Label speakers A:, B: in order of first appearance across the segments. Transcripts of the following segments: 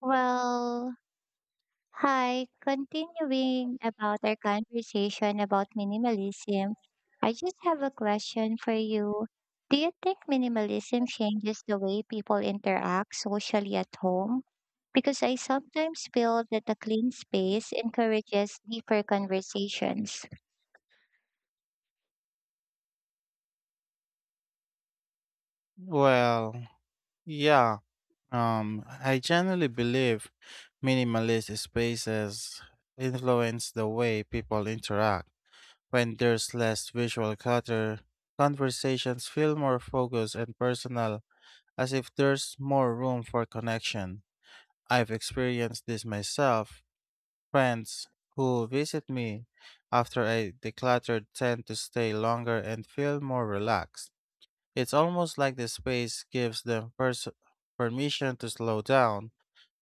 A: Well, hi, continuing about our conversation about minimalism, I just have a question for you. Do you think minimalism changes the way people interact socially at home? Because I sometimes feel that a clean space encourages deeper conversations.
B: Well, yeah. I generally believe minimalist spaces influence the way people interact. When there's less visual clutter, conversations feel more focused and personal, as if there's more room for connection. I've experienced this myself. Friends who visit me after I decluttered tend to stay longer and feel more relaxed. It's almost like the space gives them permission to slow down.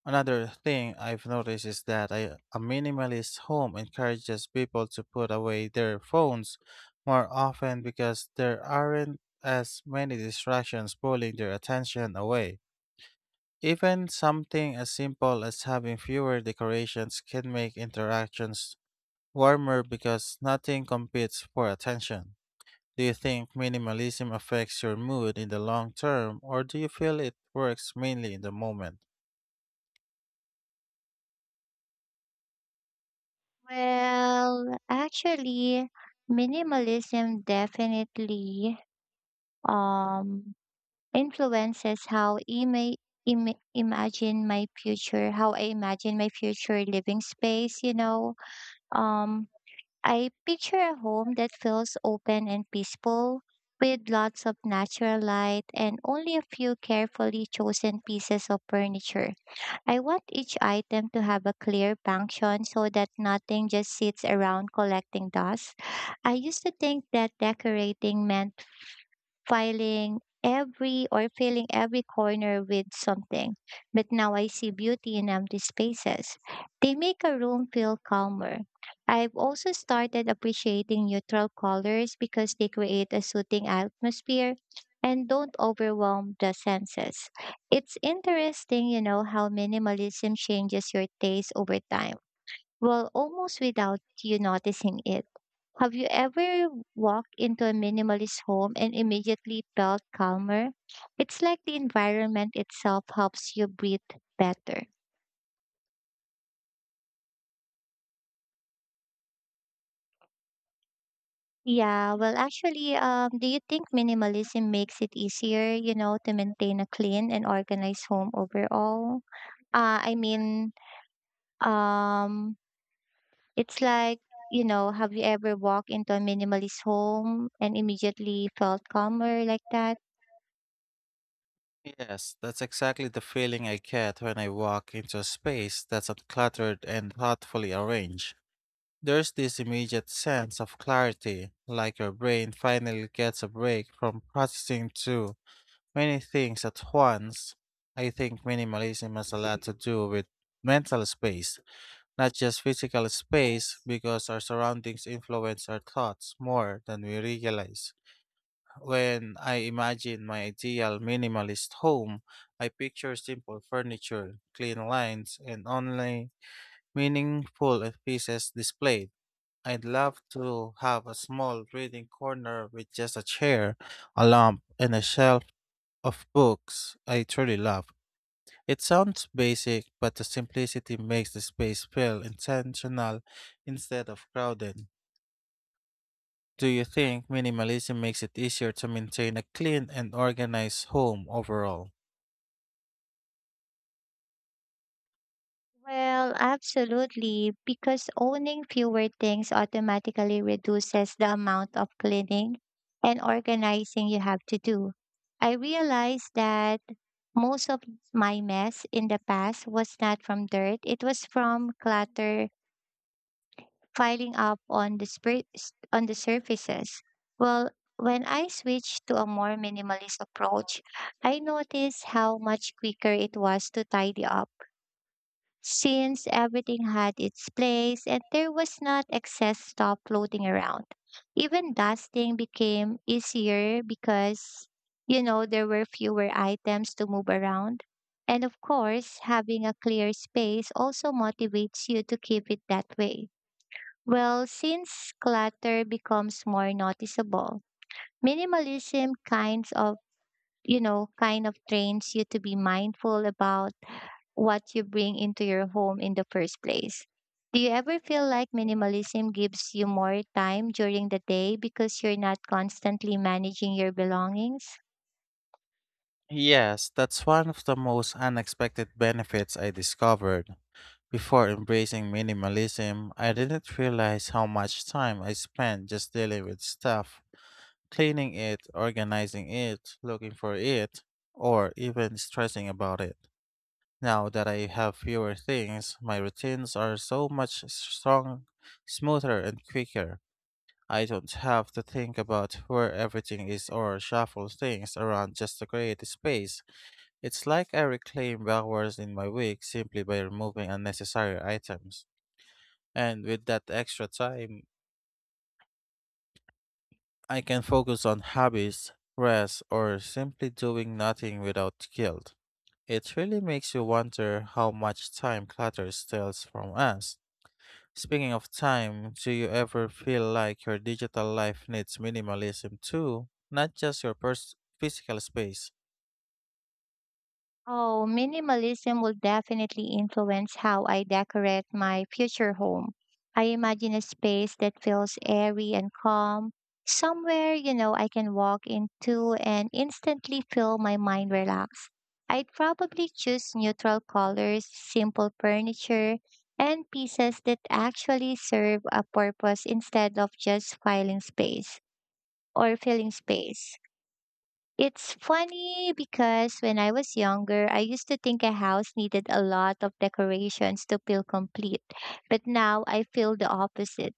B: Another thing I've noticed is that a minimalist home encourages people to put away their phones more often because there aren't as many distractions pulling their attention away. Even something as simple as having fewer decorations can make interactions warmer because nothing competes for attention. Do you think minimalism affects your mood in the long term, or do you feel it works mainly in the moment?
A: Well, actually, Minimalism definitely um influences how imagine my future, how I imagine my future living space. Um, I picture a home that feels open and peaceful with lots of natural light and only a few carefully chosen pieces of furniture. I want each item to have a clear function so that nothing just sits around collecting dust. I used to think that decorating meant filing every or filling every corner with something. But now I see beauty in empty spaces. They make a room feel calmer. I've also started appreciating neutral colors because they create a soothing atmosphere and don't overwhelm the senses. It's interesting how minimalism changes your taste over time, well, almost without you noticing it. Have you ever walked into a minimalist home and immediately felt calmer? It's like the environment itself helps you breathe better. Yeah, do you think minimalism makes it easier to maintain a clean and organized home overall? I mean, um, it's like, you know, Have you ever walked into a minimalist home and immediately felt calmer like that?
B: Yes, that's exactly the feeling I get when I walk into a space that's uncluttered and thoughtfully arranged. There's this immediate sense of clarity, like your brain finally gets a break from processing too many things at once. I think minimalism has a lot to do with mental space, not just physical space, because our surroundings influence our thoughts more than we realize. When I imagine my ideal minimalist home, I picture simple furniture, clean lines, and only meaningful pieces displayed. I'd love to have a small reading corner with just a chair, a lamp, and a shelf of books I truly love. It sounds basic, but the simplicity makes the space feel intentional instead of crowded. Do you think minimalism makes it easier to maintain a clean and organized home overall?
A: Well, absolutely, because owning fewer things automatically reduces the amount of cleaning and organizing you have to do. I realized that most of my mess in the past was not from dirt, it was from clutter piling up on the on the surfaces. Well, when I switched to a more minimalist approach, I noticed how much quicker it was to tidy up since everything had its place and there was not excess stuff floating around. Even dusting became easier because there were fewer items to move around. And of course, having a clear space also motivates you to keep it that way. Well, since clutter becomes more noticeable, minimalism kinds of, you know, kind of trains you to be mindful about what you bring into your home in the first place. Do you ever feel like minimalism gives you more time during the day because you're not constantly managing your belongings?
B: Yes, that's one of the most unexpected benefits I discovered. Before embracing minimalism, I didn't realize how much time I spent just dealing with stuff, cleaning it, organizing it, looking for it, or even stressing about it. Now that I have fewer things, my routines are so much smoother, and quicker. I don't have to think about where everything is or shuffle things around just to create space. It's like I reclaim hours in my week simply by removing unnecessary items. And with that extra time, I can focus on hobbies, rest, or simply doing nothing without guilt. It really makes you wonder how much time clutter steals from us. Speaking of time, do you ever feel like your digital life needs minimalism too, not just your physical space?
A: Oh, minimalism will definitely influence how I decorate my future home. I imagine a space that feels airy and calm, somewhere I can walk into and instantly feel my mind relax. I'd probably choose neutral colors, simple furniture, and pieces that actually serve a purpose instead of just filing space or filling space. It's funny because when I was younger, I used to think a house needed a lot of decorations to feel complete. But now I feel the opposite.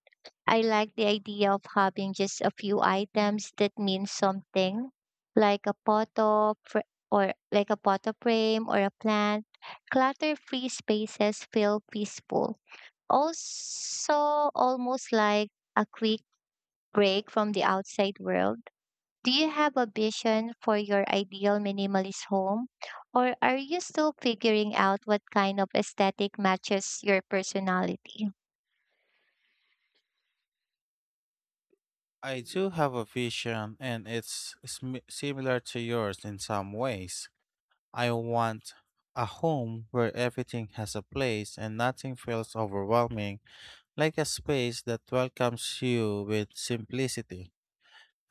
A: I like the idea of having just a few items that mean something, like a photo fr- or like a photo frame or a plant. Clutter-free spaces feel peaceful. Also, almost like a quick break from the outside world. Do you have a vision for your ideal minimalist home, or are you still figuring out what kind of aesthetic matches your personality?
B: I do have a vision, and it's similar to yours in some ways. I want a home where everything has a place and nothing feels overwhelming, like a space that welcomes you with simplicity.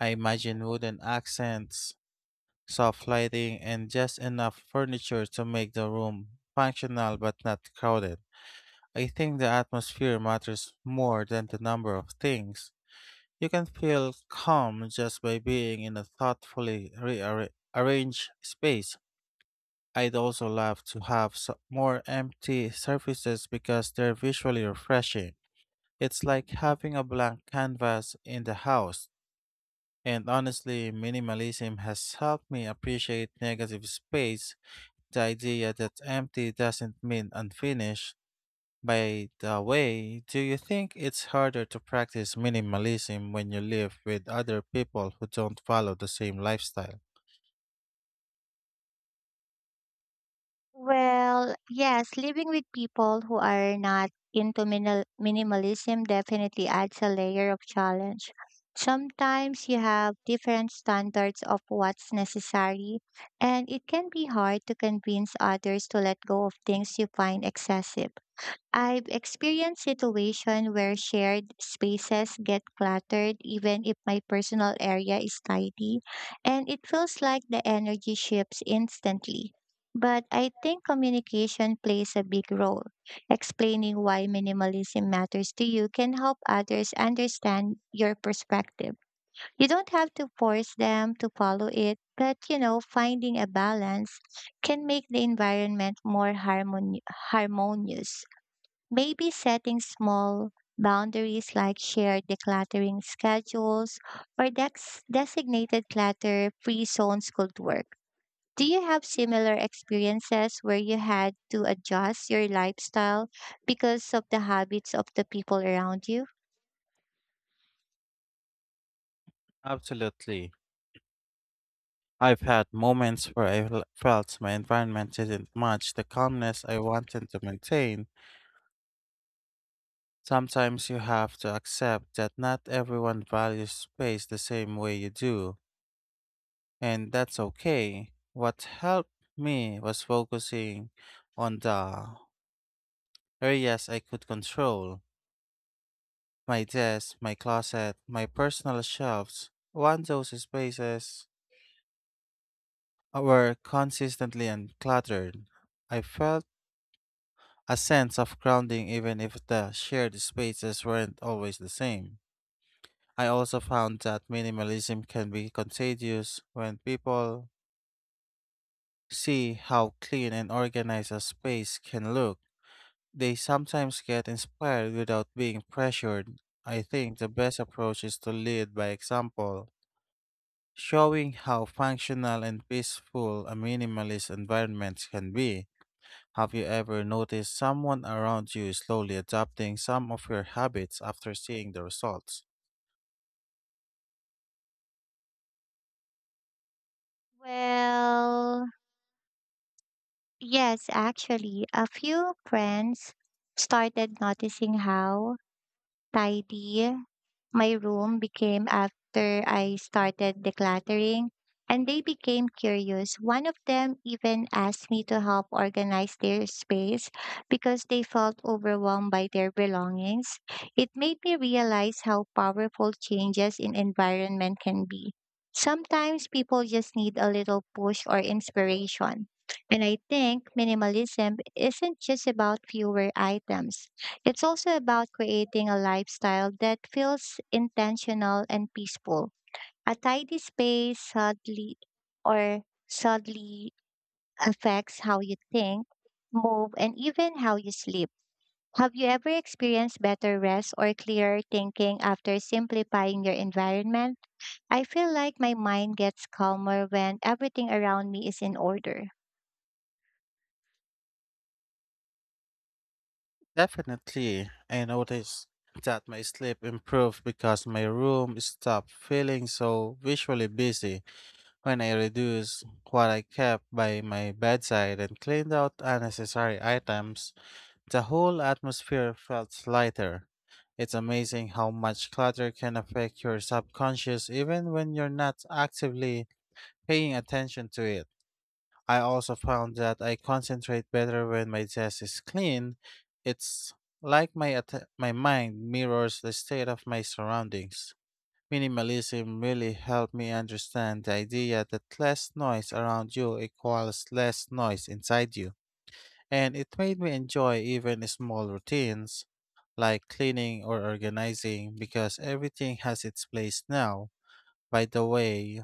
B: I imagine wooden accents, soft lighting, and just enough furniture to make the room functional but not crowded. I think the atmosphere matters more than the number of things. You can feel calm just by being in a thoughtfully rearranged space. I'd also love to have more empty surfaces because they're visually refreshing. It's like having a blank canvas in the house. And honestly, minimalism has helped me appreciate negative space. The idea that empty doesn't mean unfinished. By the way, do you think it's harder to practice minimalism when you live with other people who don't follow the same lifestyle?
A: Well, yes, living with people who are not into minimalism definitely adds a layer of challenge. Sometimes you have different standards of what's necessary, and it can be hard to convince others to let go of things you find excessive. I've experienced situations where shared spaces get cluttered even if my personal area is tidy, and it feels like the energy shifts instantly. But I think communication plays a big role. Explaining why minimalism matters to you can help others understand your perspective. You don't have to force them to follow it, but finding a balance can make the environment more harmonious. Maybe setting small boundaries like shared decluttering schedules or designated clutter free zones could work. Do you have similar experiences where you had to adjust your lifestyle because of the habits of the people around you?
B: Absolutely. I've had moments where felt my environment didn't match the calmness I wanted to maintain. Sometimes you have to accept that not everyone values space the same way you do, and that's okay. What helped me was focusing on the areas I could control, my desk, my closet, my personal shelves. Once those spaces were consistently uncluttered, I felt a sense of grounding even if the shared spaces weren't always the same. I also found that minimalism can be contagious. When people see how clean and organized a space can look, they sometimes get inspired without being pressured. I think the best approach is to lead by example, showing how functional and peaceful a minimalist environment can be. Have you ever noticed someone around you slowly adopting some of your habits after seeing the results?
A: Well, yes, actually, a few friends started noticing how tidy my room became after I started decluttering, and they became curious. One of them even asked me to help organize their space because they felt overwhelmed by their belongings. It made me realize how powerful changes in environment can be. Sometimes people just need a little push or inspiration. And I think minimalism isn't just about fewer items. It's also about creating a lifestyle that feels intentional and peaceful. A tidy space or subtly affects how you think, move, and even how you sleep. Have you ever experienced better rest or clearer thinking after simplifying your environment? I feel like my mind gets calmer when everything around me is in order.
B: Definitely, I noticed that my sleep improved because my room stopped feeling so visually busy. When I reduced what I kept by my bedside and cleaned out unnecessary items, the whole atmosphere felt lighter. It's amazing how much clutter can affect your subconscious even when you're not actively paying attention to it. I also found that I concentrate better when my desk is clean. It's like my mind mirrors the state of my surroundings. Minimalism really helped me understand the idea that less noise around you equals less noise inside you. And it made me enjoy even small routines like cleaning or organizing because everything has its place now. By the way,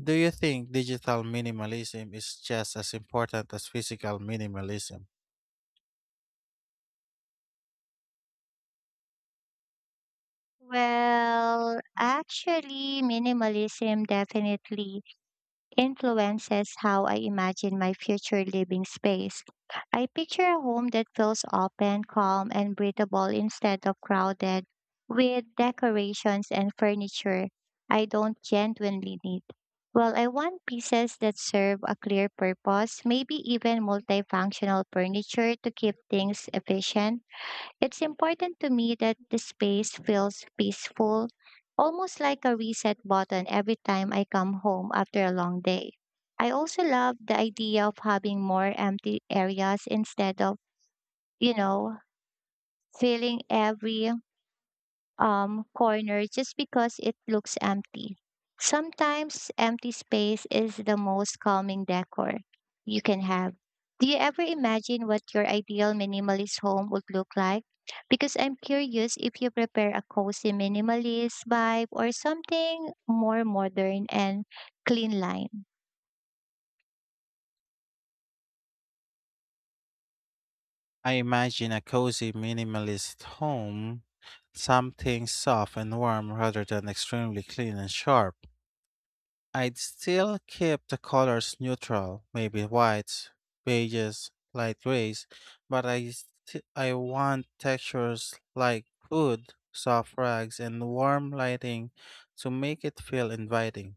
B: do you think digital minimalism is just as important as physical minimalism?
A: Well, actually, minimalism definitely influences how I imagine my future living space. I picture a home that feels open, calm, and breathable instead of crowded with decorations and furniture I don't genuinely need. Well, I want pieces that serve a clear purpose, maybe even multifunctional furniture to keep things efficient. It's important to me that the space feels peaceful, almost like a reset button every time I come home after a long day. I also love the idea of having more empty areas instead of, you know, filling every corner just because it looks empty. Sometimes empty space is the most calming decor you can have. Do you ever imagine what your ideal minimalist home would look like? Because I'm curious if you prepare a cozy minimalist vibe or something more modern and clean line.
B: I imagine a cozy minimalist home, something soft and warm rather than extremely clean and sharp. I'd still keep the colors neutral, maybe whites, beiges, light grays, but I want textures like wood, soft rugs, and warm lighting to make it feel inviting.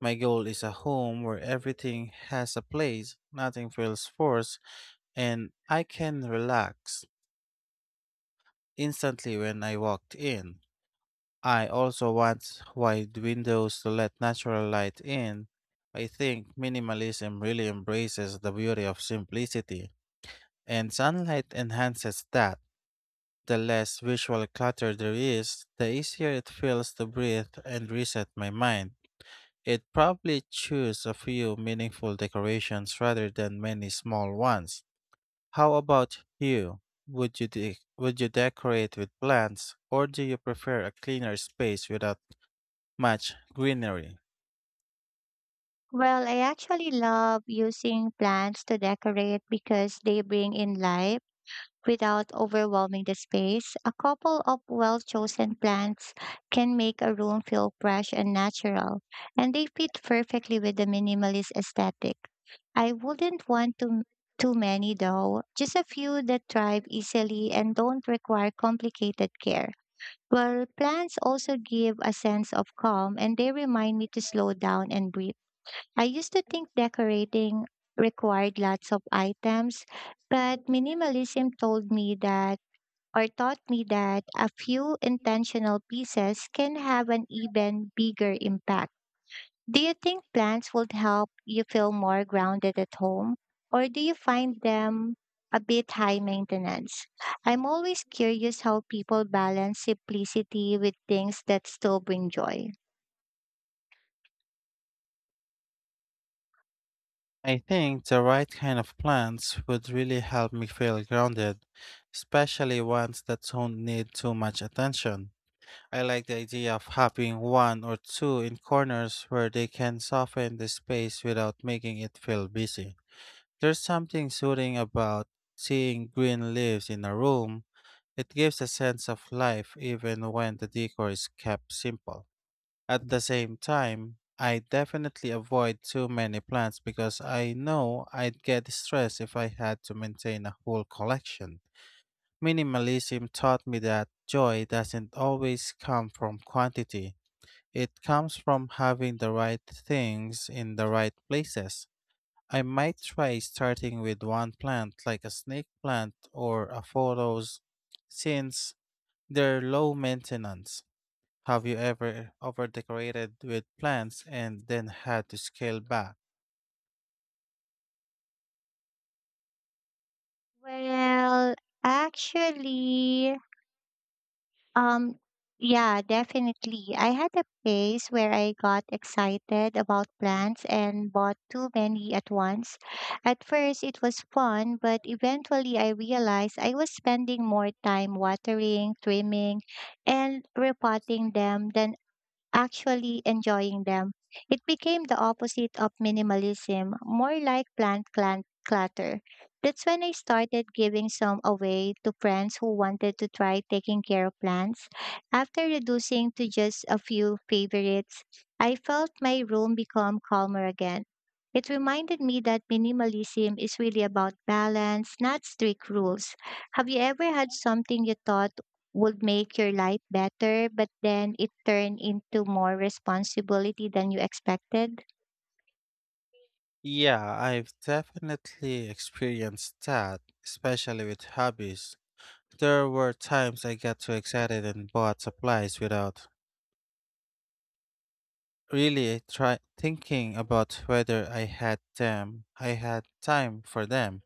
B: My goal is a home where everything has a place, nothing feels forced, and I can relax instantly when I walked in. I also want wide windows to let natural light in. I think minimalism really embraces the beauty of simplicity, and sunlight enhances that. The less visual clutter there is, the easier it feels to breathe and reset my mind. It probably choose a few meaningful decorations rather than many small ones. How about you? Would you decorate with plants, or do you prefer a cleaner space without much greenery?
A: Well, I actually love using plants to decorate because they bring in life without overwhelming the space. A couple of well chosen plants can make a room feel fresh and natural, and they fit perfectly with the minimalist aesthetic. I wouldn't want to too many though, just a few that thrive easily and don't require complicated care. Well, plants also give a sense of calm and they remind me to slow down and breathe. I used to think decorating required lots of items, but minimalism told me that or taught me that a few intentional pieces can have an even bigger impact. Do you think plants would help you feel more grounded at home, or do you find them a bit high maintenance? I'm always curious how people balance simplicity with things that still bring joy.
B: I think the right kind of plants would really help me feel grounded, especially ones that don't need too much attention. I like the idea of having one or two in corners where they can soften the space without making it feel busy. There's something soothing about seeing green leaves in a room. It gives a sense of life even when the decor is kept simple. At the same time, I definitely avoid too many plants because I know I'd get stressed if I had to maintain a whole collection. Minimalism taught me that joy doesn't always come from quantity. It comes from having the right things in the right places. I might try starting with one plant like a snake plant or a photos since they're low maintenance. Have you ever overdecorated with plants and then had to scale back?
A: Well, actually, um, yeah, definitely. I had a phase where I got excited about plants and bought too many at once. At first, it was fun, but eventually I realized I was spending more time watering, trimming, and repotting them than actually enjoying them. It became the opposite of minimalism, more like clutter. That's when I started giving some away to friends who wanted to try taking care of plants. After reducing to just a few favorites, I felt my room become calmer again. It reminded me that minimalism is really about balance, not strict rules. Have you ever had something you thought would make your life better, but then it turned into more responsibility than you expected?
B: Yeah, I've definitely experienced that, especially with hobbies. There were times I got too excited and bought supplies without really try thinking about whether I had them. I had time for them.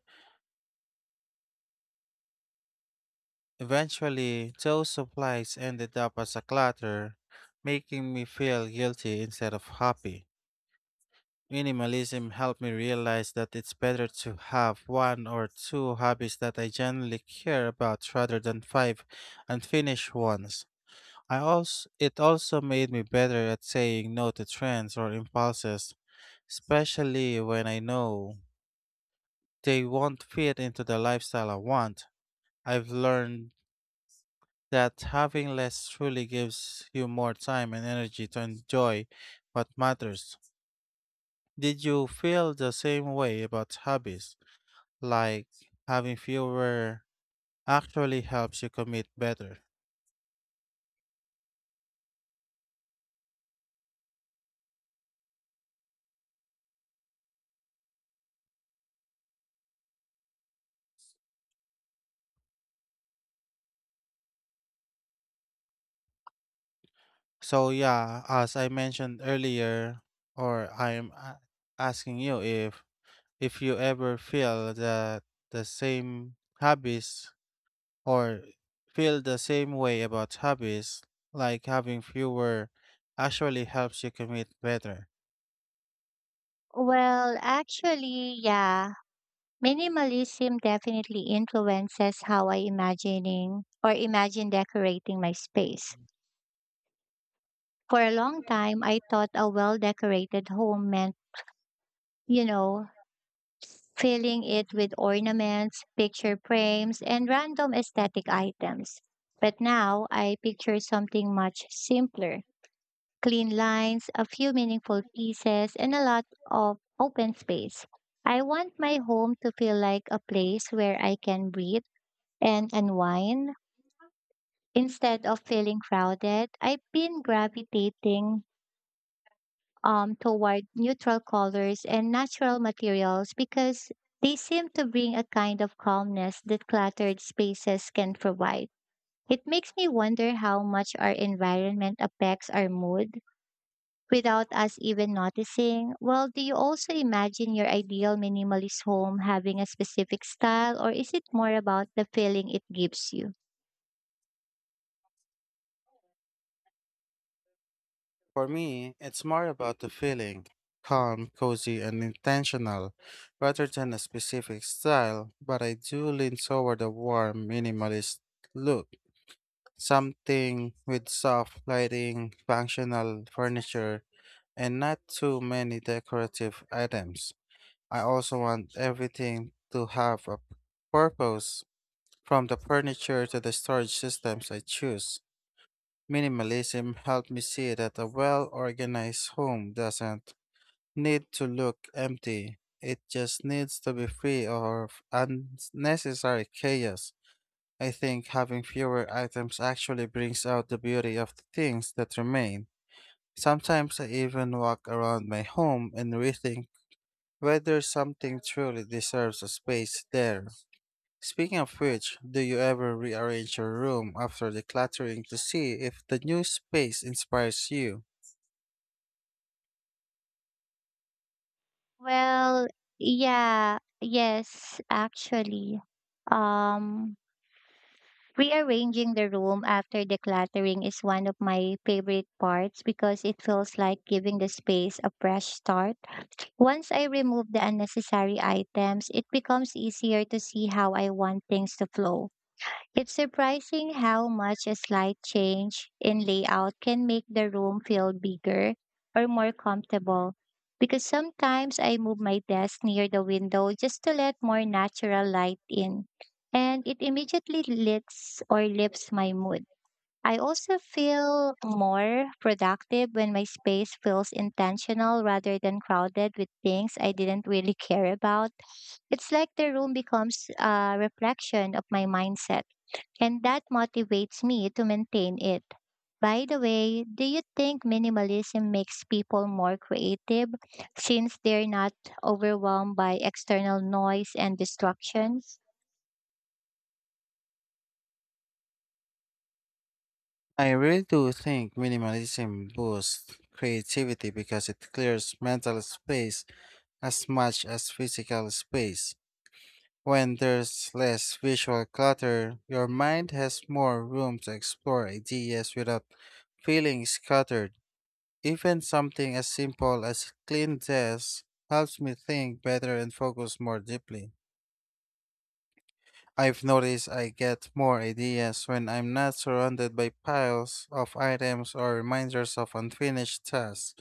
B: Eventually, those supplies ended up as a clutter, making me feel guilty instead of happy. Minimalism helped me realize that it's better to have one or two hobbies that I genuinely care about rather than five unfinished ones. I also it also made me better at saying no to trends or impulses, especially when I know they won't fit into the lifestyle I want. I've learned that having less truly gives you more time and energy to enjoy what matters. Did you feel the same way about hobbies? Like having fewer actually helps you commit better. So yeah, as I mentioned earlier, or I'm a- asking you if you ever feel that the same hobbies, or feel the same way about hobbies, like having fewer actually helps you commit better.
A: Well, actually, yeah. Minimalism definitely influences how I imagining or imagine decorating my space. For a long time, I thought a well-decorated home meant, you know, filling it with ornaments, picture frames, and random aesthetic items. But now I picture something much simpler, clean lines, a few meaningful pieces, and a lot of open space. I want my home to feel like a place where I can breathe and unwind instead of feeling crowded. I've been gravitating toward neutral colors and natural materials because they seem to bring a kind of calmness that cluttered spaces can provide. It makes me wonder how much our environment affects our mood without us even noticing. Well, do you also imagine your ideal minimalist home having a specific style, or is it more about the feeling it gives you?
B: For me, it's more about the feeling, calm, cozy, and intentional rather than a specific style, but I do lean toward a warm, minimalist look. Something with soft lighting, functional furniture, and not too many decorative items. I also want everything to have a purpose, from the furniture to the storage systems I choose. Minimalism helped me see that a well organized home doesn't need to look empty. It just needs to be free of unnecessary chaos. I think having fewer items actually brings out the beauty of the things that remain. Sometimes I even walk around my home and rethink whether something truly deserves a space there. Speaking of which, do you ever rearrange your room after decluttering to see if the new space inspires you?
A: Well, yeah, yes, actually. Um, Rearranging the room after decluttering is one of my favorite parts because it feels like giving the space a fresh start. Once I remove the unnecessary items, it becomes easier to see how I want things to flow. It's surprising how much a slight change in layout can make the room feel bigger or more comfortable. Because sometimes I move my desk near the window just to let more natural light in, and it immediately lifts my mood. I also feel more productive when my space feels intentional rather than crowded with things I didn't really care about. It's like the room becomes a reflection of my mindset and that motivates me to maintain it. By the way, do you think minimalism makes people more creative since they're not overwhelmed by external noise and distractions?
B: I really do think minimalism boosts creativity because it clears mental space as much as physical space. When there's less visual clutter, your mind has more room to explore ideas without feeling scattered. Even something as simple as a clean desk helps me think better and focus more deeply. I've noticed I get more ideas when I'm not surrounded by piles of items or reminders of unfinished tasks.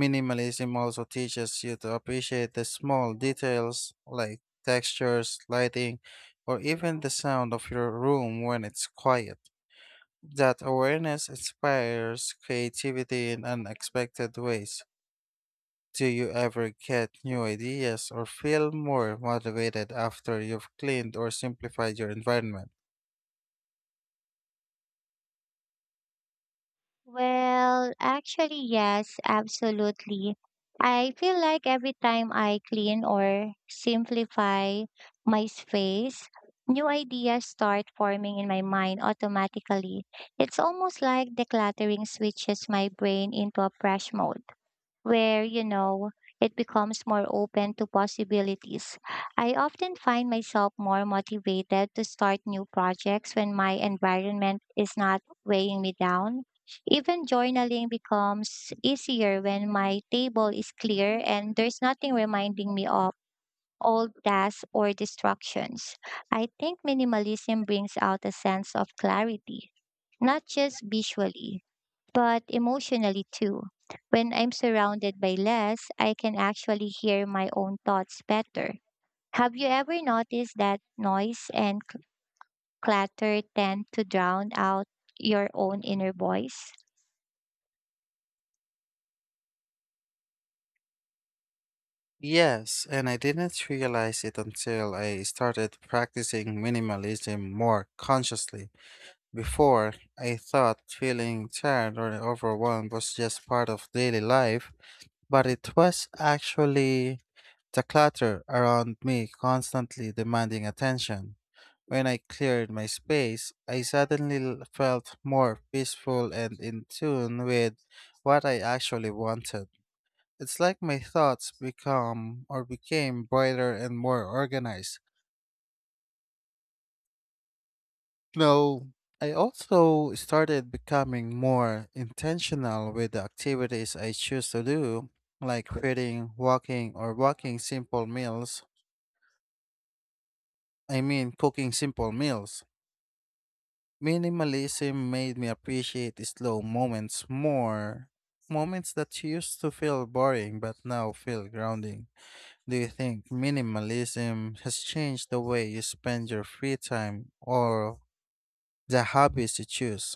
B: Minimalism also teaches you to appreciate the small details like textures, lighting, or even the sound of your room when it's quiet. That awareness inspires creativity in unexpected ways. Do you ever get new ideas or feel more motivated after you've cleaned or simplified your environment?
A: Well, actually, yes, absolutely. I feel like every time I clean or simplify my space, new ideas start forming in my mind automatically. It's almost like decluttering switches my brain into a fresh mode where it becomes more open to possibilities. I often find myself more motivated to start new projects when my environment is not weighing me down. Even journaling becomes easier when my table is clear and there's nothing reminding me of old tasks or distractions. I think minimalism brings out a sense of clarity, not just visually but emotionally too. When I'm surrounded by less, I can actually hear my own thoughts better. Have you ever noticed that noise and clutter tend to drown out your own inner voice?
B: Yes, and I didn't realize it until I started practicing minimalism more consciously. Before, I thought feeling tired or overwhelmed was just part of daily life, but it was actually the clutter around me constantly demanding attention. When I cleared my space, I suddenly felt more peaceful and in tune with what I actually wanted. It's like my thoughts become or became brighter and more organized. No, I also started becoming more intentional with the activities I choose to do, like reading, walking, or walking simple meals. I mean, cooking simple meals. Minimalism made me appreciate the slow moments more. Moments that used to feel boring but now feel grounding. Do you think minimalism has changed the way you spend your free time or the hobbies you choose?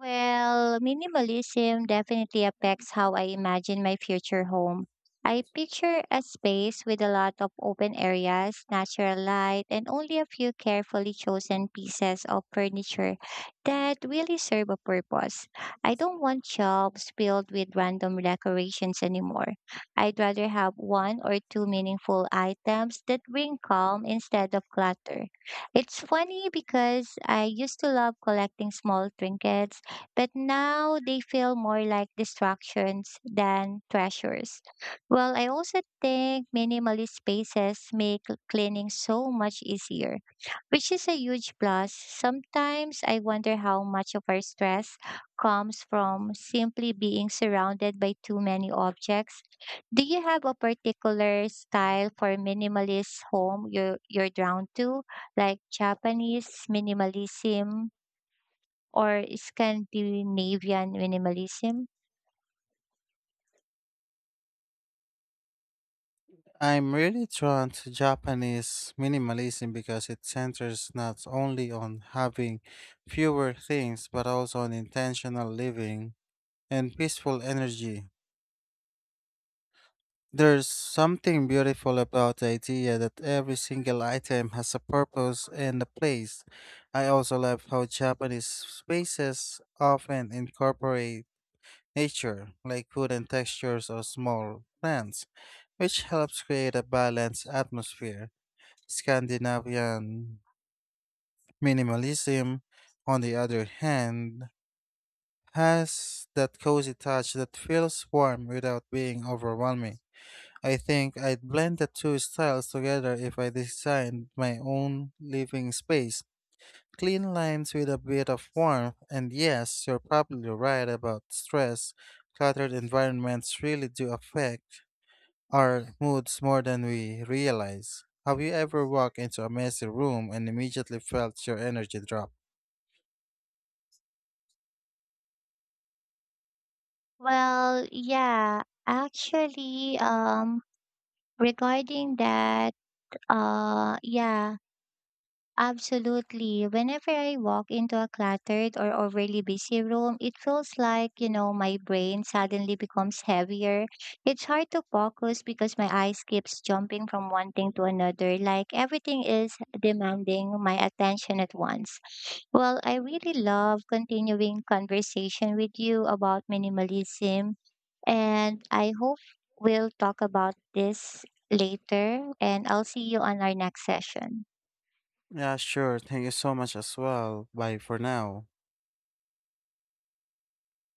A: Well, minimalism definitely affects how I imagine my future home. I picture a space with a lot of open areas, natural light, and only a few carefully chosen pieces of furniture that really serve a purpose. I don't want shelves filled with random decorations anymore. I'd rather have one or two meaningful items that bring calm instead of clutter. It's funny because I used to love collecting small trinkets but now they feel more like distractions than treasures. Well, I also think minimalist spaces make cleaning so much easier, which is a huge plus. Sometimes I wonder how much of our stress comes from simply being surrounded by too many objects. Do you have a particular style for minimalist home you're drawn to, like Japanese minimalism or Scandinavian minimalism?
B: I'm really drawn to Japanese minimalism because it centers not only on having fewer things but also on intentional living and peaceful energy. There's something beautiful about the idea that every single item has a purpose and a place. I also love how Japanese spaces often incorporate nature, like food and textures or small plants, which helps create a balanced atmosphere. Scandinavian minimalism, on the other hand, has that cozy touch that feels warm without being overwhelming. I think I'd blend the two styles together if I designed my own living space. Clean lines with a bit of warmth, and yes, you're probably right about stress. Cluttered environments really do affect our moods more than we realize. Have you ever walked into a messy room and immediately felt your energy drop?
A: Well, yeah, actually, um, regarding that, yeah. Absolutely. Whenever I walk into a cluttered or overly busy room, it feels like my brain suddenly becomes heavier. It's hard to focus because my eyes keeps jumping from one thing to another, like everything is demanding my attention at once. Well, I really love continuing conversation with you about minimalism, and I hope we'll talk about this later, and I'll see you on our next session.
B: Yeah, sure. Thank you so much as well. Bye for now.